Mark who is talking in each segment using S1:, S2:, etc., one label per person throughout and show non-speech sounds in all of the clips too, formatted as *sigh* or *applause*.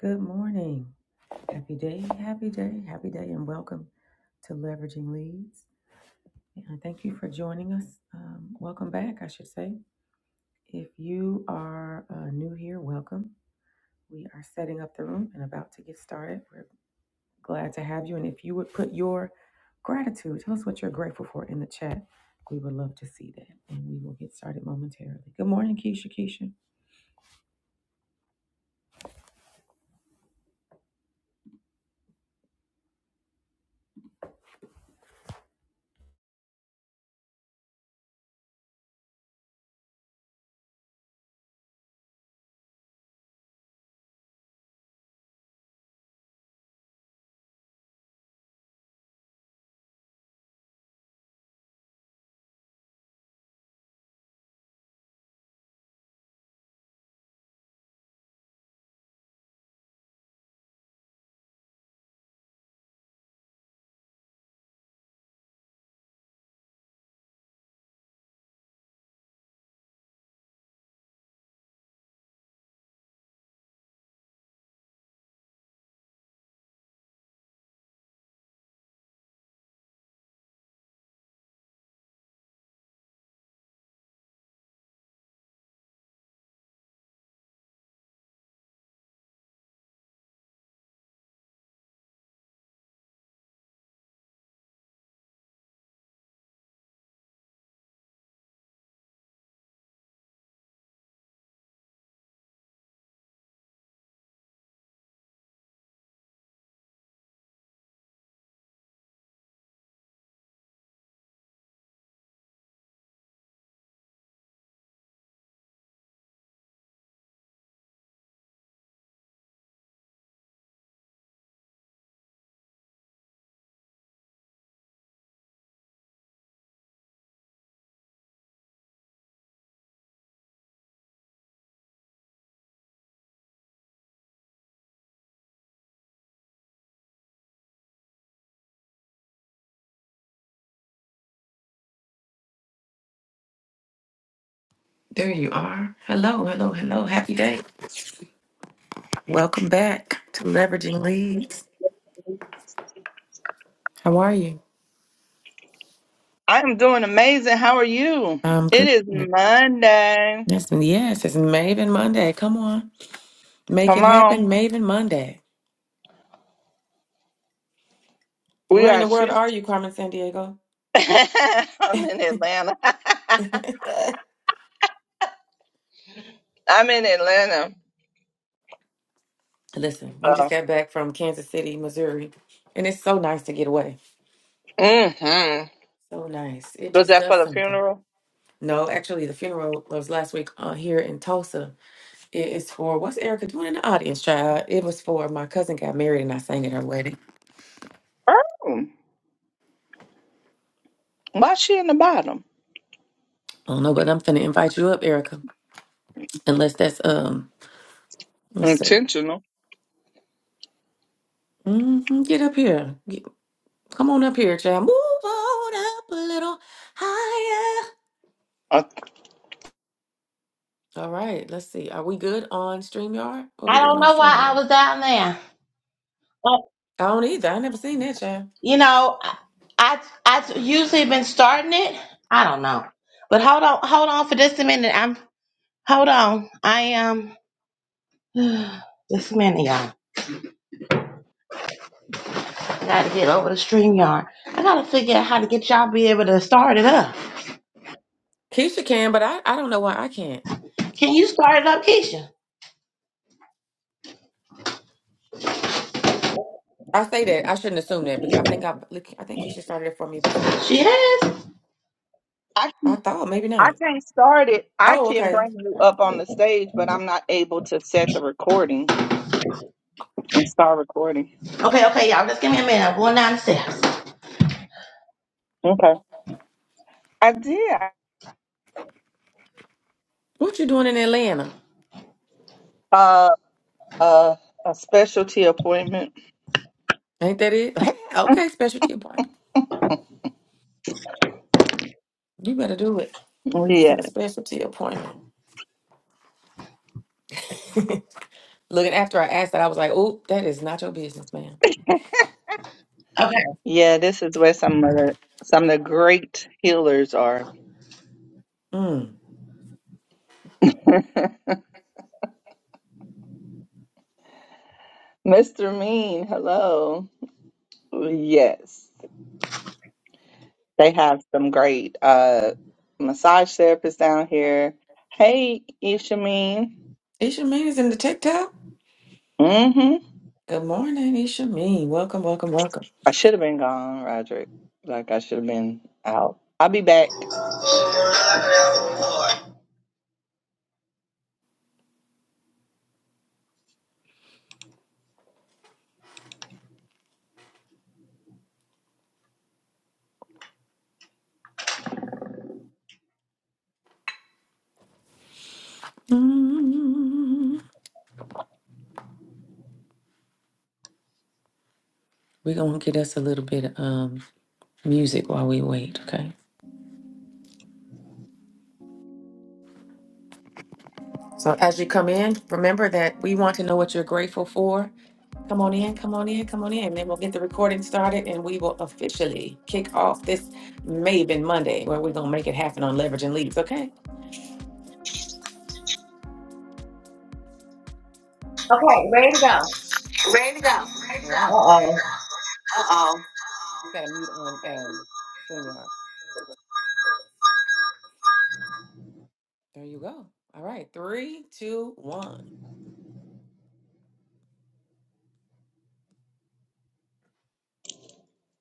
S1: Good morning. Happy day, happy day, happy day, and welcome to Leveraging Leads. And thank you for joining us. Um, welcome back, I should say. If you are uh, new here, welcome. We are setting up the room and about to get started. We're glad to have you. And if you would put your gratitude, tell us what you're grateful for in the chat. We would love to see that. And we will get started momentarily. Good morning, Keisha. Keisha. There you are. Hello, hello, hello. Happy day. Welcome back to Leveraging Leads. How are you?
S2: I am doing amazing. How are you?
S1: Um,
S2: It
S1: good.
S2: is
S1: That's
S2: Monday.
S1: yes, yes, it's Maven Monday. Come on, make
S2: Come
S1: it
S2: on.
S1: happen, Maven Monday.
S2: We
S1: Where in
S2: are
S1: the world are
S2: six.
S1: you, Carmen San Diego?
S2: *laughs* I'm in Atlanta.
S1: *laughs*
S2: *laughs* I'm in Atlanta.
S1: Listen, we
S2: Uh,
S1: just got back from Kansas City, Missouri, and it's so nice to get away.
S2: mm-hmm.
S1: So nice. It
S2: Was
S1: just
S2: that for
S1: does
S2: the
S1: something.
S2: funeral?
S1: No, actually, the funeral was last week uh, here in Tulsa. It is for what's Erica doing in the audience, child? It was for my cousin got married and I sang at her wedding.
S2: Oh, why she in the bottom?
S1: I don't know, but I'm finna invite you up, Erica. Unless that's um, what's up?
S2: Intentional.
S1: hmm Get up here. Get- come on up here, child. Move on up a little higher.
S2: I,
S1: All right, let's see. Are we good on StreamYard? What are we
S3: I
S1: doing
S3: don't
S1: on
S3: know why I
S1: StreamYard?
S3: was down there. Uh,
S1: I don't either. I never seen that, child.
S3: you know, I, I I usually been starting it. I don't know, but hold on, hold on for just a minute. I'm hold on. I am um, *sighs* just a minute, y'all. I gotta get over the stream yard. I gotta figure out how to get y'all be able to start it up.
S1: Keisha can, but I, I don't know why I can't.
S3: Can you start it up, Keisha?
S1: I say that. I shouldn't assume that. But I think I I think Keisha started it for me before.
S3: She has.
S2: I,
S1: I thought maybe
S2: I
S1: not.
S2: can't start it. I
S1: Oh,
S2: can
S1: okay.
S2: bring you up on the stage, but I'm not able to set the recording and start recording.
S3: Okay, okay, y'all. Just give me a minute. I'm going down the steps.
S2: Okay. I did.
S1: What you doing in Atlanta?
S2: Uh, uh, a specialty appointment.
S1: Ain't that it? *laughs* okay, specialty appointment. You better do it.
S2: Yeah.
S1: Set a specialty appointment. Looking after I asked that, I was like, "Oh, that is not your business, man."
S3: Okay,
S2: Yeah, this is where some of the some of the great healers are.
S1: Mm.
S2: *laughs* Mr. Mean, hello. Yes, they have some great uh massage therapists down here. Hey, Isha
S1: Ishameen is in the TikTok.
S2: Mm-hmm.
S1: Good morning, Ishameen. Welcome, welcome, welcome.
S2: I should have been gone, Roderick. Like I should have been out. I'll be back.
S1: Mm. We're gonna get us a little bit of um, music while we wait, okay? So as you come in, remember that we want to know what you're grateful for. Come on in, come on in, come on in. And then we'll get the recording started and we will officially kick off this Maven Monday where we're gonna make it happen on leverage and leads, okay?
S3: okay, ready to go.
S1: Ready to go. All
S3: Uh
S1: right.
S3: oh.
S1: Uh oh. You gotta mute on um StreamYard. There you go. All right. Three, two, one.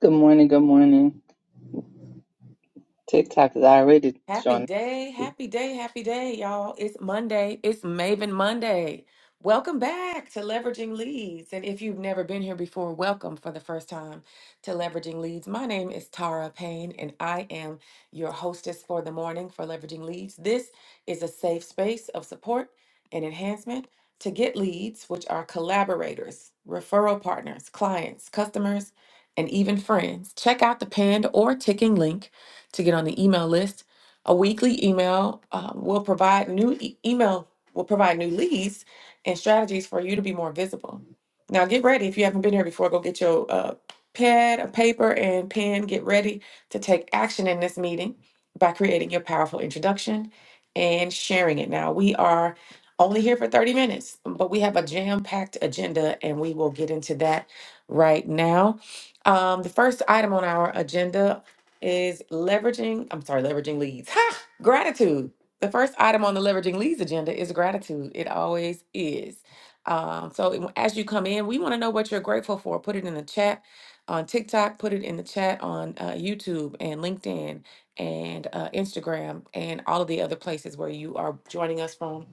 S2: Good morning, good morning. TikTok is already
S1: Happy
S2: showing.
S1: day, happy day, happy day, y'all. It's Monday. It's Maven Monday. Welcome back to Leveraging Leads. And if you've never been here before, welcome for the first time to Leveraging Leads. My name is Tara Payne, and I am your hostess for the morning for Leveraging Leads. This is a safe space of support and enhancement to get leads, which are collaborators, referral partners, clients, customers, and even friends. Check out the pinned or ticking link to get on the email list a weekly email uh, will provide new e- email will provide new leads and strategies for you to be more visible. Now get ready. If you haven't been here before, go get your uh, pad, a paper, and pen. Get ready to take action in this meeting by creating your powerful introduction and sharing it. Now we are only here for 30 minutes, but we have a jam-packed agenda and we will get into that right now. Um, the first item on our agenda is leveraging, I'm sorry, leveraging leads. Ha! Gratitude. The first item on the leveraging leads agenda is gratitude. It always is. Um, so it- as you come in, we want to know what you're grateful for. Put it in the chat on TikTok, put it in the chat on uh, YouTube and LinkedIn and uh, Instagram and all of the other places where you are joining us from.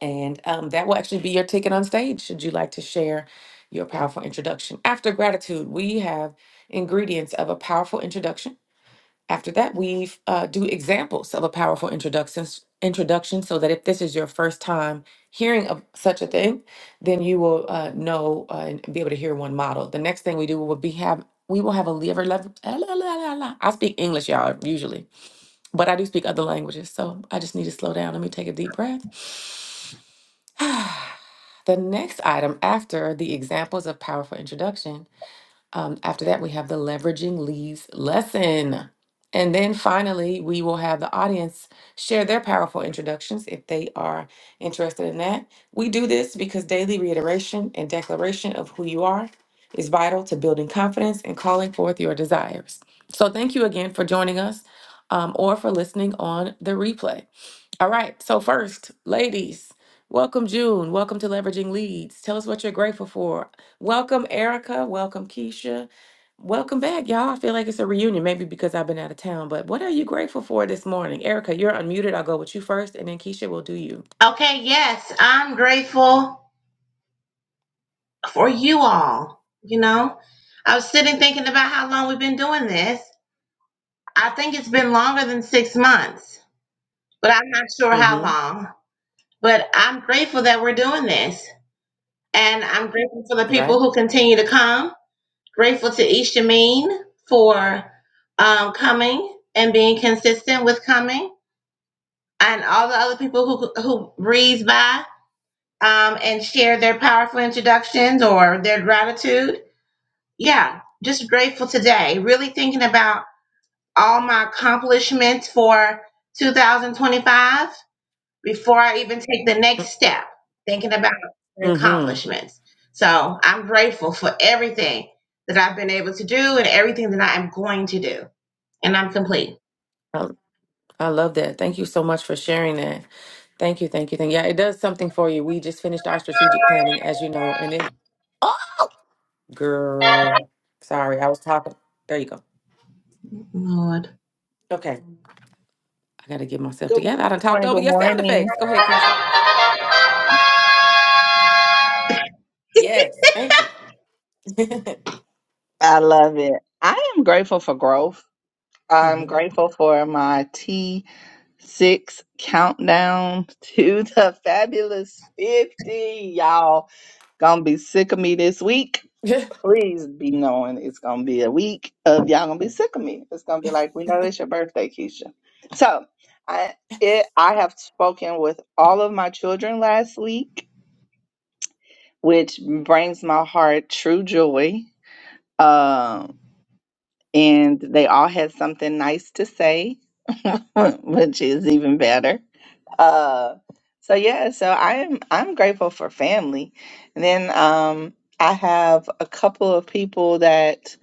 S1: And um, that will actually be your ticket on stage should you like to share your powerful introduction. After gratitude, we have ingredients of a powerful introduction after that, we uh, do examples of a powerful introduction, introduction so that if this is your first time hearing of such a thing, then you will uh, know uh, and be able to hear one model. The next thing we do will be have we will have a lever level. ah, la, la, la, la. I speak English, y'all, usually, but I do speak other languages, so I just need to slow down. Let me take a deep breath. *sighs* The next item after the examples of powerful introduction um, after that, we have the leveraging leads lesson. And then finally, we will have the audience share their powerful introductions if they are interested in that. We do this because daily reiteration and declaration of who you are is vital to building confidence and calling forth your desires. So, thank you again for joining us um, or for listening on the replay. All right, so first, ladies, welcome June. Welcome to Leveraging Leads. Tell us what you're grateful for. Welcome, Erica. Welcome, Keisha. Welcome back, y'all. I feel like it's a reunion, maybe because I've been out of town. But what are you grateful for this morning? Erica, you're unmuted. I'll go with you first, and then Keisha will do you.
S3: Okay, yes, I'm grateful. For you all, you know. I was sitting thinking about how long we've been doing this. I think it's been longer than six months, but I'm not sure how
S1: Mm-hmm.
S3: long. But I'm grateful that we're doing this. And I'm grateful for the people
S1: Right?
S3: who continue to come. Grateful to Ishameen for um, coming and being consistent with coming. And all the other people who, who breeze by um, and share their powerful introductions or their gratitude. yeah, just grateful today. Really thinking about all my accomplishments for 2025 before I even take the next step, thinking about the
S1: Mm-hmm.
S3: accomplishments. So I'm grateful for everything that I've been able to do and everything that I am going to do. And I'm complete.
S1: I, I love that. Thank you so much for sharing that. Thank you, thank you, thank you. Yeah, it does something for you. We just finished our strategic planning, as you know, and it Oh girl. Sorry, I was talking. There you go.
S3: Lord.
S1: Okay. I gotta get myself
S2: Good morning,
S1: together. I done
S2: good
S1: talked
S2: morning,
S1: over
S2: good
S1: your sound
S2: morning.
S1: effects. Go ahead, Keisha. Yes. Thank you. *laughs* hmm
S2: I love it. I am grateful for growth. I'm grateful for my T6 countdown *laughs* to the fabulous 50. Y'all gonna be sick of me this week. Please be knowing it's gonna be a week of y'all gonna be sick of me. It's gonna be like, we know it's your birthday, Keisha. So I it I have spoken with all of my children last week, which brings my heart true joy. Um and they all had something nice to say, *laughs* which is even better. Uh, so yeah, so I'm I'm grateful for family. And then um, I have a couple of people that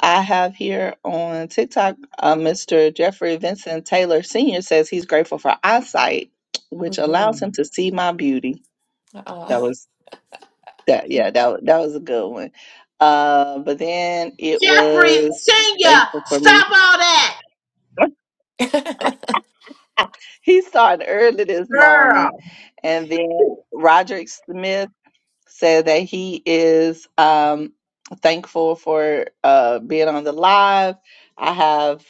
S2: I have here on TikTok. Uh, Mr. Jeffrey Vincent Taylor Sr. says he's grateful for eyesight, which allows
S1: hmm
S2: him to see my beauty.
S1: Uh,
S2: That was that. Yeah, that wa- that was a good one. Uh, but then it
S3: Jeffrey
S2: was
S3: Senior,
S2: thankful for me.
S3: stop all that.
S1: *laughs*
S2: He started early this
S3: Girl.
S2: morning. And then Roderick Smith said that he is um, thankful for uh, being on the live. I have,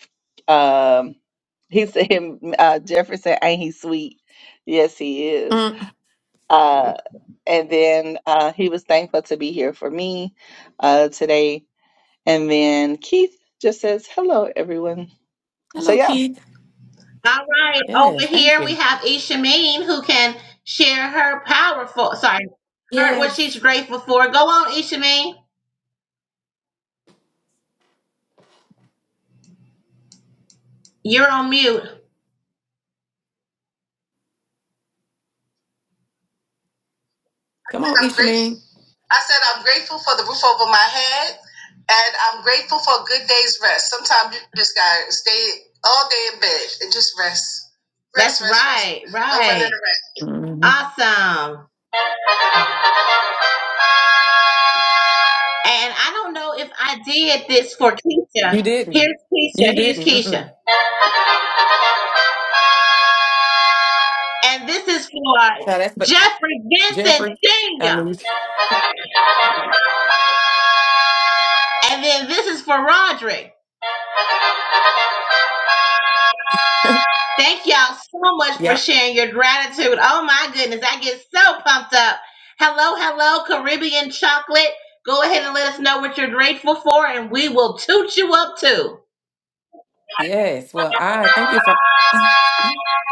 S2: um, *laughs* he said, him, uh, Jefferson, ain't he sweet? Yes, he
S1: *laughs*
S2: is.
S1: mm.
S2: Uh, and then uh, he was thankful to be here for me uh, today. And then Keith just says, hello, everyone. So,
S1: Hello,
S2: yeah.
S1: Keith.
S3: All right, over
S1: Yes, thank
S3: here we
S1: you.
S3: have Ishameen who can share her powerful, sorry, her what she's
S1: Yes.
S3: grateful for. Go on, Ishameen. You're on mute.
S1: Come on,
S3: I'm grateful.
S1: Ishmael.
S3: I said I'm grateful for the roof over my head, and I'm grateful for a good day's rest. Sometimes you just gotta stay all day in bed and just rest. Rest, That's rest, right, rest. right. Over and
S1: hmm
S3: rest. Awesome. And I don't know if I did this for
S1: You
S3: Keisha.
S1: didn't.
S3: Here's Keisha.
S1: You
S3: Here's
S1: didn't.
S3: Keisha.
S1: Mm-mm.
S3: And this is for
S1: Now that's but
S3: Jeffrey Vincent
S1: Jeffrey. I
S3: Sr.
S1: knew. you-
S3: And then this is for Roderick. Thank y'all so much for
S1: Yeah.
S3: sharing your gratitude. Oh my goodness, I get so pumped up. Hello, hello, Caribbean chocolate. Go ahead and let us know what you're grateful for, and we will toot you up too.
S1: Yes. Well, I thank you for *laughs*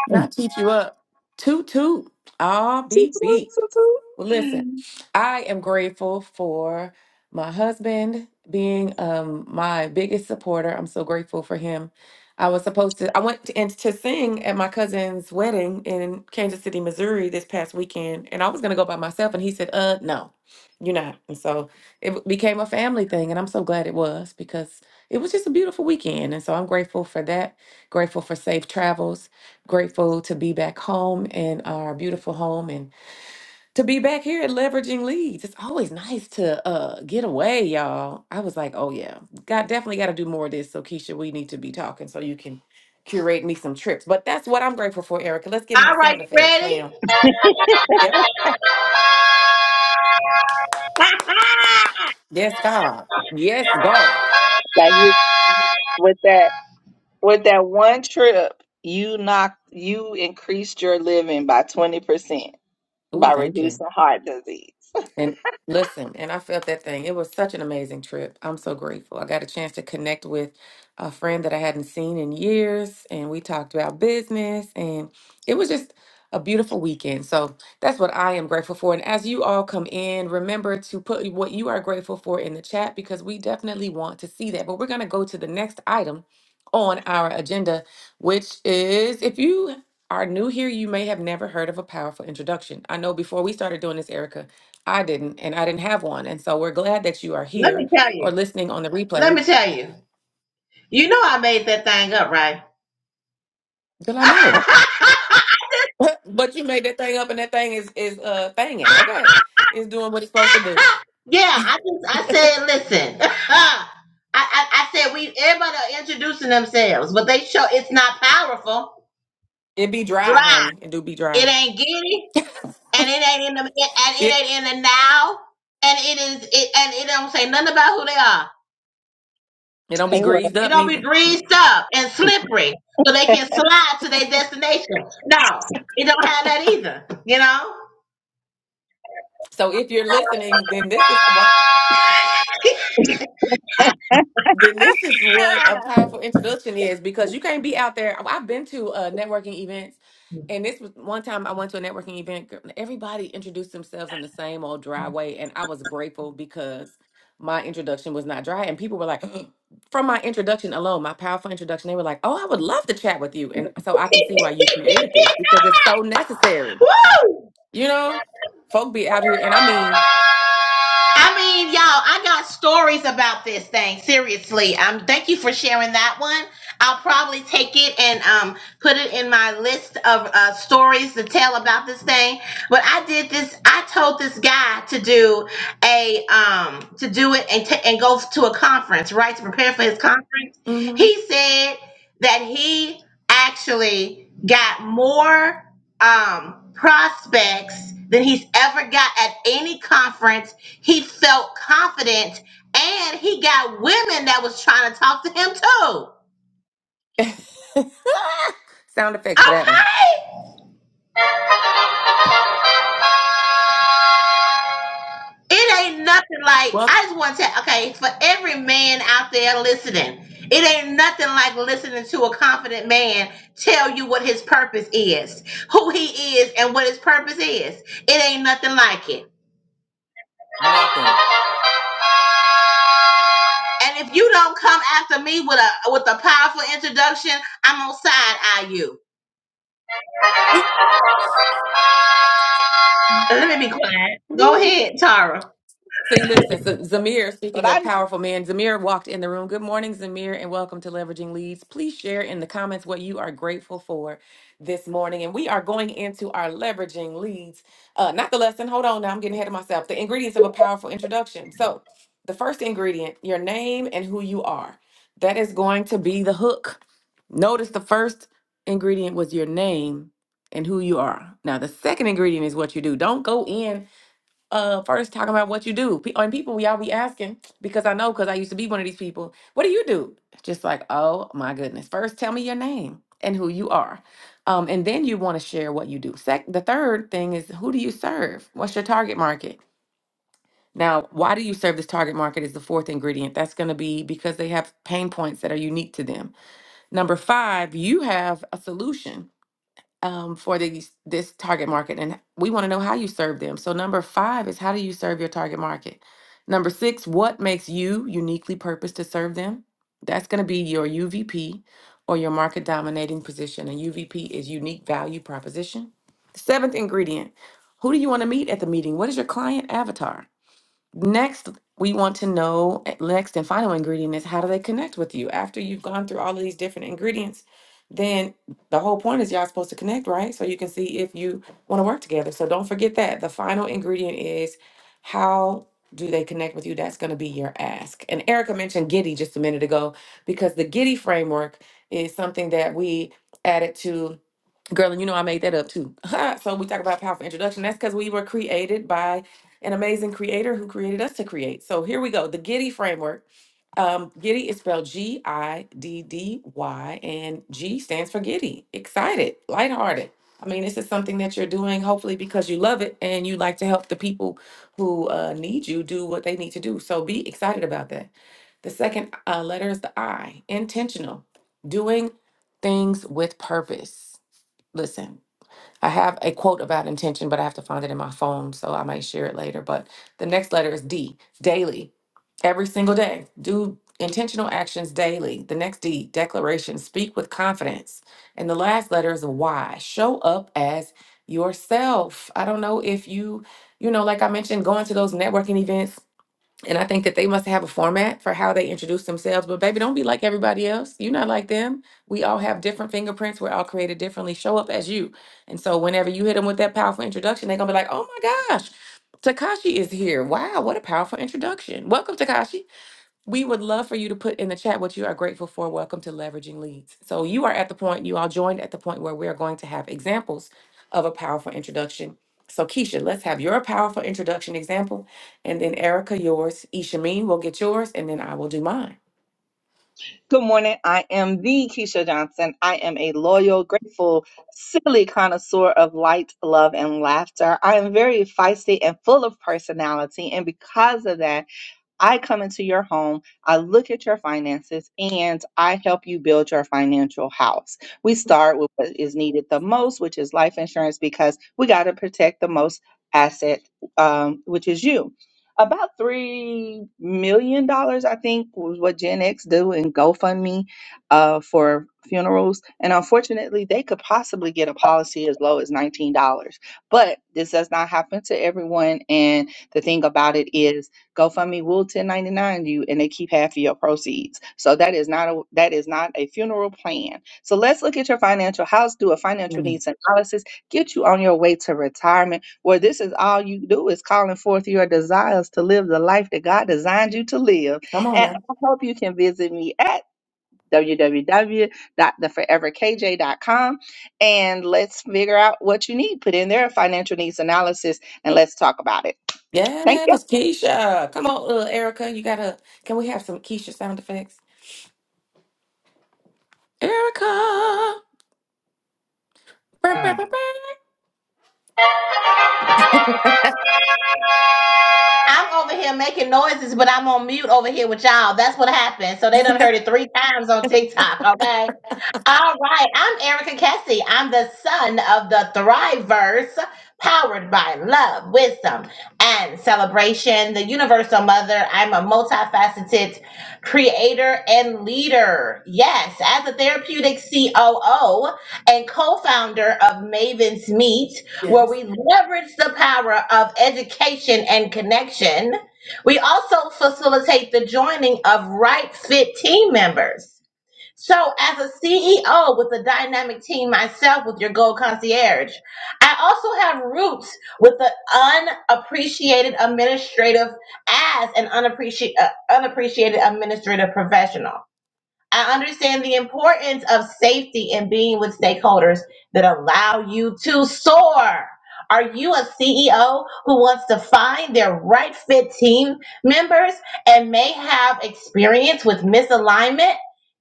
S1: not keep you up. Toot toot. R
S2: Toot,
S1: B
S2: toot,
S1: B.
S2: toot,
S1: Well, listen,
S2: toot.
S1: I am grateful for my husband being um my biggest supporter. I'm so grateful for him. I was supposed to I went to, and to sing at my cousin's wedding in Kansas City, Missouri this past weekend, and I was going to go by myself and he said, "Uh, no. You're not." And so it w- became a family thing, and I'm so glad it was because it was just a beautiful weekend. And so I'm grateful for that. Grateful for safe travels, grateful to be back home in our beautiful home and to be back here at leveraging leads. It's always nice to uh get away, y'all. I was like, oh yeah, got definitely got to do more of this. So Keisha, we need to be talking so you can curate me some trips. But that's what I'm grateful for, Erica. Let's get my
S3: All right,
S1: sound
S3: you
S1: effects,
S3: ready?
S1: ma'am. Yep. Yes, God. Yes, God.
S2: That you with that. With that one trip, you knocked you increased your living by 20% by
S1: Ooh, thank you.
S2: reducing heart disease.
S1: And listen, and I felt that thing. It was such an amazing trip. I'm so grateful. I got a chance to connect with a friend that I hadn't seen in years, and we talked about business, and it was just a beautiful weekend. So that's what I am grateful for. And as you all come in, remember to put what you are grateful for in the chat because we definitely want to see that. But we're going to go to the next item on our agenda, which is if you are new here, you may have never heard of a powerful introduction. I know before we started doing this, Erica, I didn't, and I didn't have one. And so we're glad that you are
S3: Let
S1: here
S3: me tell you.
S1: or listening on the
S3: Let
S1: replay.
S3: me tell you. You know I made that thing up, right?
S1: Girl, I know. *laughs* But you made that thing up and that thing is is uh thinging. Okay. It's doing what it's
S3: *laughs*
S1: supposed to do.
S3: Yeah, I just I said, listen. *laughs* I, I I said we everybody are introducing themselves, but they show it's not powerful.
S1: It be dry,
S3: Dry.
S1: honey. It do be
S3: It
S1: dry.
S3: ain't giddy,
S1: *laughs*
S3: and it ain't in the it- and
S1: It
S3: it ain't in the now, and it is it and it don't say nothing about who they are.
S1: it don't be
S2: Hey, what? up?
S1: greased
S3: It
S1: up
S3: don't be
S1: neither.
S3: greased
S1: Mm-mm.
S3: up and slippery, so they can slide to their destination. No, it don't have that either. You know.
S1: So if you're listening, then this is why. then this is what a powerful introduction is because you can't be out there. I've been to uh, networking events, and this was one time I went to a networking event. gr- Everybody introduced themselves in the same old dry way, and I was grateful because my introduction was not dry. And people were like, *gasps* from my introduction alone, my powerful introduction, they were like, "Oh, I would love to chat with you," and so I can see why you created this because it's so
S3: *laughs*
S1: necessary.
S3: Woo!
S1: You know, folk be out here, and I mean,
S3: I mean, y'all, I got stories about this thing. Seriously, um, thank you for sharing that one. I'll probably take it and um put it in my list of uh, stories to tell about this thing. But I did this. I told this guy to do a um to do it and t- and go to a conference, right, to prepare for his conference.
S1: mhm.
S3: He said that he actually got more um, prospects than he's ever got at any conference. He felt confident and he got women that was trying to talk to him too.
S1: *laughs* sound effects for that one.
S3: Okay. It ain't nothing like,
S1: Well,
S3: I just want to tell, okay, for every man out there listening, it ain't nothing like listening to a confident man tell you what his purpose is, who he is, and what his purpose is. It ain't nothing like it.
S1: nothing.
S3: And if you don't come after me with a with a powerful introduction, I'm gonna side eye you. Let me be quiet. Go ahead, Tara.
S1: See, listen, so Zamir,
S2: But
S1: speaking
S2: I
S1: of
S2: know.
S1: powerful man, Zamir walked in the room. Good morning, Zamir, and welcome to Leveraging Leads. Please share in the comments what you are grateful for this morning. And we are going into our Leveraging Leads. Uh, not the lesson, hold on now, I'm getting ahead of myself. The ingredients of a powerful introduction. So, the first ingredient, your name and who you are. That is going to be the hook. Notice the first ingredient was your name and who you are. Now, the second ingredient is what you do. Don't go in uh first talking about what you do. Pe- and people y'all be asking because I know because I used to be one of these people. What do you do? Just like, oh my goodness. First tell me your name and who you are. Um, and then you want to share what you do. Sec the third thing is who do you serve? What's your target market? Now, why do you serve this target market is the fourth ingredient. That's going to be because they have pain points that are unique to them. Number 5, you have a solution um, for these this target market, and we want to know how you serve them. So number five is how do you serve your target market? Number six, what makes you uniquely purposed to serve them? That's going to be your UVP or your market dominating position. And UVP is unique value proposition. Seventh ingredient, who do you want to meet at the meeting? What is your client avatar? Next, we want to know eh, next and final ingredient is how do they connect with you after you've gone through all of these different ingredients? Then the whole point is y'all supposed to connect, right? So you can see if you want to work together. So don't forget that the final ingredient is how do they connect with you? That's going to be your ask. And Erica mentioned Giddy just a minute ago because the Giddy framework is something that we added to Girl, and you know I made that up too. *laughs* so we talk about powerful introduction. That's because we were created by an amazing creator who created us to create. So here we go. The Giddy framework. Um, Giddy is spelled G-I-D-D-Y, and G stands for giddy, excited, lighthearted. I mean, this is something that you're doing hopefully because you love it and you like to help the people who uh, need you do what they need to do. So be excited about that. The second uh, letter is the I, intentional, doing things with purpose. Listen. I have a quote about intention, but I have to find it in my phone, so I might share it later. But the next letter is D, daily. Every single day, do intentional actions daily. The next D, declaration, speak with confidence. And the last letter is Y, show up as yourself. I don't know if you, you know, like I mentioned, going to those networking events and I think that they must have a format for how they introduce themselves. But baby, don't be like everybody else. You're not like them. We all have different fingerprints. We're all created differently. Show up as you. And so whenever you hit them with that powerful introduction, they're gonna be like, oh my gosh, Takashi is here. Wow, what a powerful introduction. Welcome, Takashi. We would love for you to put in the chat what you are grateful for. Welcome to Leveraging Leads. So you are at the point, you all joined at the point where we are going to have examples of a powerful introduction. So Keisha, let's have your powerful introduction example, and then Erica yours. Ishameen will get yours, and then I will do mine.
S2: Good morning. I am the Keisha Johnson. I am a loyal, grateful, silly connoisseur of light, love, and laughter. I am very feisty and full of personality. And because of that, I come into your home, I look at your finances, and I help you build your financial house. We start with what is needed the most, which is life insurance, because we got to protect the most asset, um, which is you. About three million dollars, I think, was what Gen X do in GoFundMe uh, for funerals, and unfortunately, they could possibly get a policy as low as nineteen dollars. But this does not happen to everyone, and the thing about it is GoFundMe will 1099 you and they keep half of your proceeds. So that is not a that is not a funeral plan. So let's look at your financial house, do a financial
S1: Mm.
S2: needs analysis, get you on your way to retirement, where this is all you do is calling forth your desires to live the life that God designed you to live.
S1: Come on
S2: And
S1: now.
S2: I hope you can visit me at w w w dot the forever k j dot com, and let's figure out what you need. Put in there a financial needs analysis and let's talk about it. Thank you.
S1: Yes, Keisha. Come on, little Erica. You gotta. Can we have some Keisha sound effects? Erica. Burr, burr,
S3: Oh.
S1: burr, burr.
S3: I'm over here making noises, but I'm on mute over here with y'all. That's what happened. So they done heard it three times on TikTok. Okay. All right, I'm Erica Kessie. I'm the son of the Thriverse, powered by love, wisdom, and celebration. The Universal Mother. I'm a multifaceted creator and leader. Yes, as a therapeutic COO and co-founder of Maven's Meet, where
S1: Yes.
S3: we leverage the power of education and connection. We also facilitate the joining of right fit team members so, as a CEO with a dynamic team myself with your Gold Concierge, I also have roots with the unappreciated administrative as an unappreciated, uh, unappreciated administrative professional. I understand the importance of safety and being with stakeholders that allow you to soar. Are you a CEO who wants to find their right fit team members and may have experience with misalignment?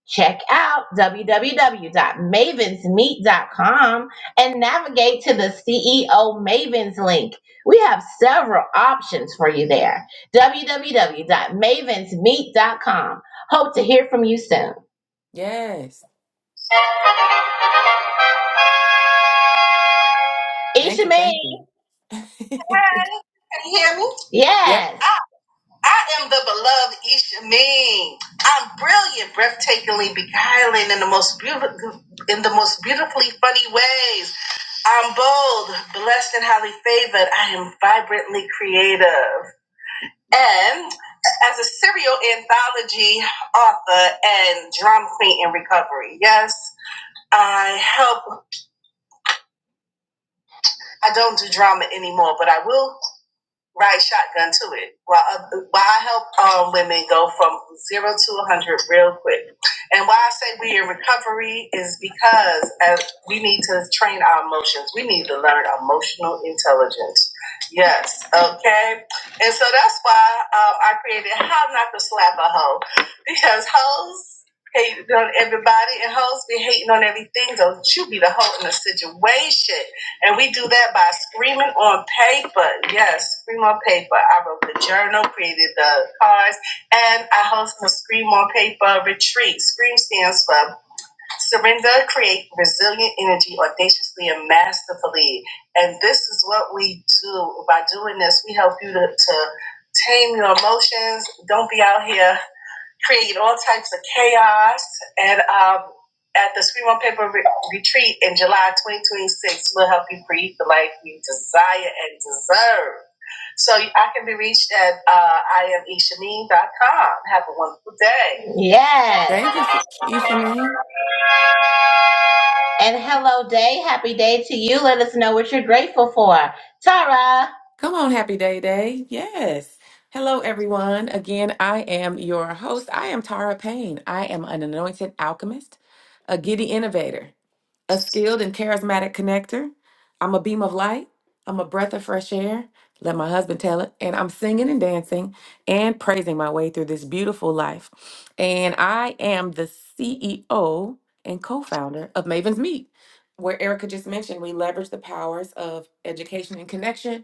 S3: Check out www.mavensmeet.com and navigate to the CEO Mavens link. We have several options for you there. www.mavensmeet.com. Hope to hear from you soon.
S1: Yes. Thank
S3: Isha
S1: you.
S3: Mae.
S1: Thank you.
S3: Hi. Can you hear me?
S1: *laughs*
S3: Yes. I, I am the beloved Isha Ming. I'm brilliant, breathtakingly beguiling in the most beautiful, in the most beautifully funny ways. I'm bold, blessed, and highly favored. I am vibrantly creative, and as a serial anthology author and drama queen in recovery. Yes, I help. I don't do drama anymore, but I will. Right, shotgun to it. While, uh, while I help um, women go from zero to 100 real quick. And why I say we in recovery is because as we need to train our emotions. We need to learn emotional intelligence. Yes, okay. And so that's why um, I created How Not to Slap a Hoe. Because hoes hate on everybody and hoes be hating on everything. Don't you be the hoe in the situation. And we do that by screaming on paper. Yes, scream on paper. I wrote the journal, created the cards, and I host the Scream on Paper retreat. Scream stands for Surrender, Create Resilient Energy Audaciously and Masterfully. And this is what we do. By doing this, we help you to, to tame your emotions. Don't be out here create all types of chaos. And um, at the Scream on Paper re- retreat in July 2026, we'll help you breathe the life you desire and deserve. So I can be reached at uh, iamishameen.com. Have a wonderful day. Yes.
S1: Thank you, Ishamin.
S3: And hello, day. Happy day to you. Let us know what you're grateful for. Tara,
S1: Come on, happy day day. Yes. Hello, everyone. Again, I am your host. I am Tara Payne. I am an anointed alchemist, a giddy innovator. a skilled and charismatic connector. I'm a beam of light. I'm a breath of fresh air. Let my husband tell it. And I'm singing and dancing and praising my way through this beautiful life. And I am the CEO and co founder of Maven's Meet, where Erica just mentioned we leverage the powers of education and connection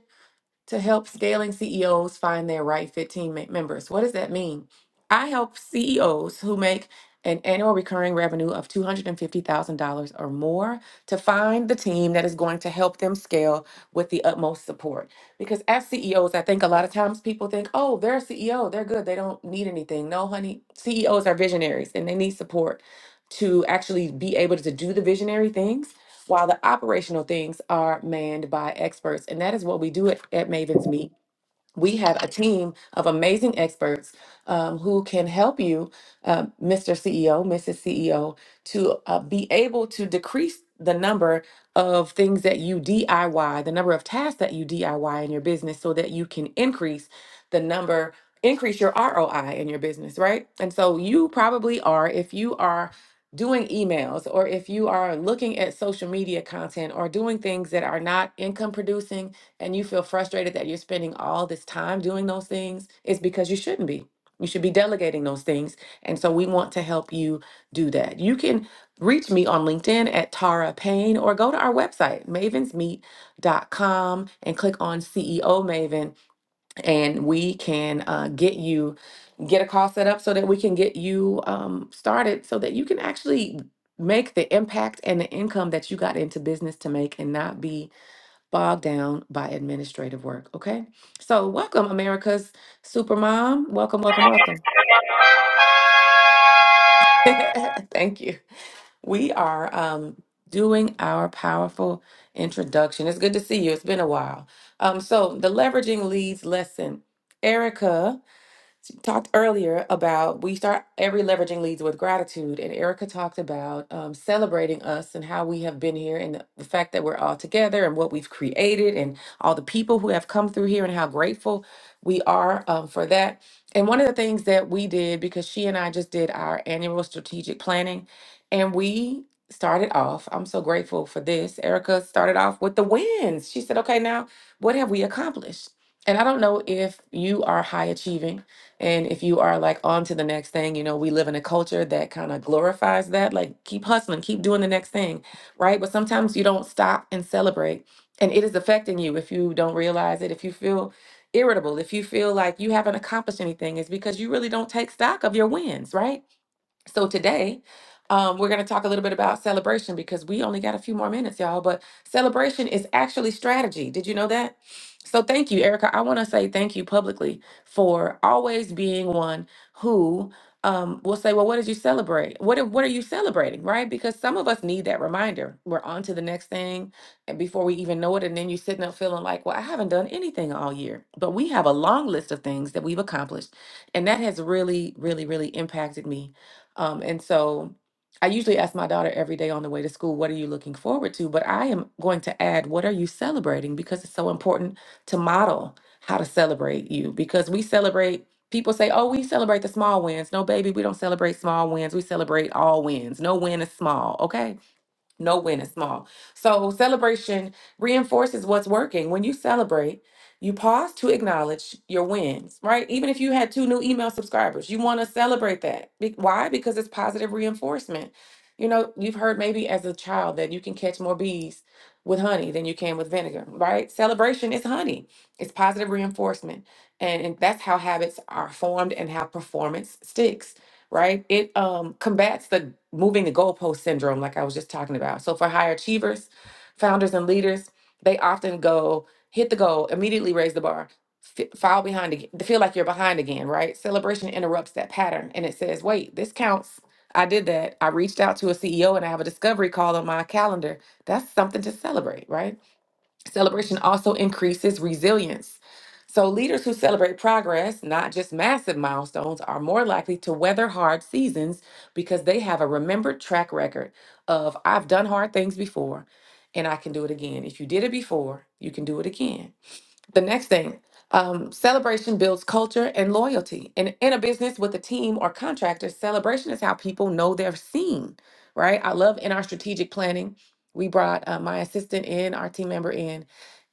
S1: to help scaling CEOs find their right fit team me- members. What does that mean? I help CEOs who make an annual recurring revenue of $250,000 or more to find the team that is going to help them scale with the utmost support. Because as CEOs, I think a lot of times people think, oh, they're a CEO, they're good, they don't need anything. No, honey, CEOs are visionaries and they need support to actually be able to do the visionary things while the operational things are manned by experts. And that is what we do at, at Maven's Meet we have a team of amazing experts um, who can help you, uh, Mr. CEO, Mrs. CEO, to uh, be able to decrease the number of things that you DIY, the number of tasks that you DIY in your business, so that you can increase the number, increase your ROI in your business, right? And so you probably are, if you are doing emails or if you are looking at social media content or doing things that are not income producing and you feel frustrated that you're spending all this time doing those things, it's because you shouldn't be. You should be delegating those things. And so we want to help you do that. You can reach me on LinkedIn at Tara Payne or go to our website, mavens meet dot com and click on CEO Maven, and we can uh, get you. Get a call set up so that we can get you um, started so that you can actually make the impact and the income that you got into business to make and not be bogged down by administrative work. Okay. So, welcome, America's Supermom. Welcome, welcome, welcome. *laughs* Thank you. We are um, doing our powerful introduction. It's good to see you. It's been a while. Um, so, the leveraging leads lesson. Erica. talked earlier about we start every leveraging leads with gratitude and erica talked about um, celebrating us and how we have been here and the fact that we're all together and what we've created and all the people who have come through here and how grateful we are um, for that and one of the things that we did because she and i just did our annual strategic planning and we started off i'm so grateful for this erica started off with the wins she said okay now what have we accomplished and i don't know if you are high achieving and if you are like on to the next thing, you know, we live in a culture that kind of glorifies that. Like, keep hustling, keep doing the next thing, right? But sometimes you don't stop and celebrate, and it is affecting you if you don't realize it. If you feel irritable, if you feel like you haven't accomplished anything, it's because you really don't take stock of your wins, right? So today, um, we're going to talk a little bit about celebration because we only got a few more minutes, y'all. But celebration is actually strategy. Did you know that? So thank you, Erica. I want to say thank you publicly for always being one who um, will say, "Well, what did you celebrate? What are- What are you celebrating?" Right? Because some of us need that reminder. We're on to the next thing, and before we even know it, and then you're sitting up feeling like, "Well, I haven't done anything all year." But we have a long list of things that we've accomplished, and that has really, really, really impacted me um, and so I usually ask my daughter every day on the way to school, what are you looking forward to? But I am going to add, what are you celebrating? Because it's so important to model how to celebrate you. Because we celebrate, people say, oh, we celebrate the small wins. No, baby, we don't celebrate small wins. We celebrate all wins. No win is small, okay? no win is small. So celebration reinforces what's working. When you celebrate, you pause to acknowledge your wins, right? Even if you had two new email subscribers, you want to celebrate that. Be- why? Because it's positive reinforcement. You know, you've heard maybe as a child that you can catch more bees with honey than you can with vinegar, right? Celebration is honey. It's positive reinforcement. And, and that's how habits are formed and how performance sticks right? It um, combats the moving the goalpost syndrome, like I was just talking about. So, for high achievers, founders, and leaders, they often go hit the goal, immediately raise the bar, f- fall behind again, feel like you're behind again, right? Celebration interrupts that pattern and it says, wait, this counts. I did that. I reached out to a CEO and I have a discovery call on my calendar. That's something to celebrate, right? Celebration also increases resilience. So, leaders who celebrate progress, not just massive milestones, are more likely to weather hard seasons because they have a remembered track record of I've done hard things before and I can do it again. If you did it before, you can do it again. The next thing, um, celebration builds culture and loyalty. And in a business with a team or contractor, celebration is how people know they're seen, right? I love in our strategic planning, we brought uh, my assistant in, our team member in,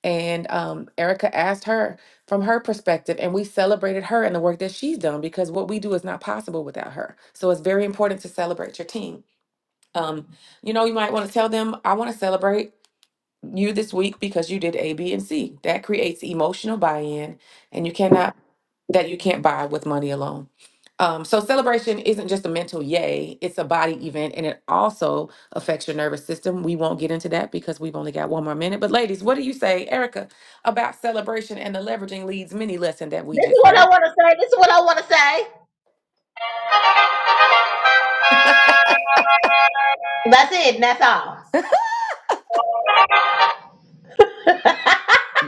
S1: and um, Erica asked her from her perspective, and we celebrated her and the work that she's done because what we do is not possible without her. So it's very important to celebrate your team. Um, you know, you might want to tell them, I want to celebrate you this week because you did A, B, and C. That creates emotional buy-in, and you cannot that you can't buy with money alone. Um, so celebration isn't just a mental yay; it's a body event, and it also affects your nervous system. We won't get into that because we've only got one more minute. But ladies, what do you say, Erica, about celebration and the leveraging leads mini lesson that we
S3: this is
S1: just
S3: what
S1: had?
S3: I want to say. This is what I want to say. That's it. And that's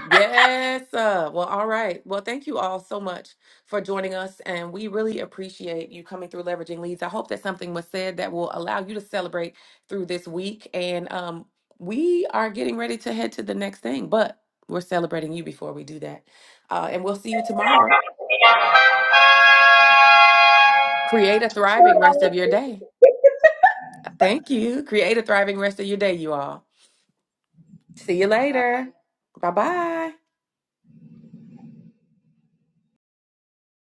S1: Yes. Uh, well, all right. Well, thank you all so much for joining us. And we really appreciate you coming through Leveraging Leads. I hope that something was said that will allow you to celebrate through this week. And um, we are getting ready to head to the next thing, but we're celebrating you before we do that. Uh, and we'll see you tomorrow. Create a thriving rest of
S3: all.
S1: your day. Thank you. Create a thriving rest of your day, you all. See you
S2: Uh,
S1: later. Bye bye.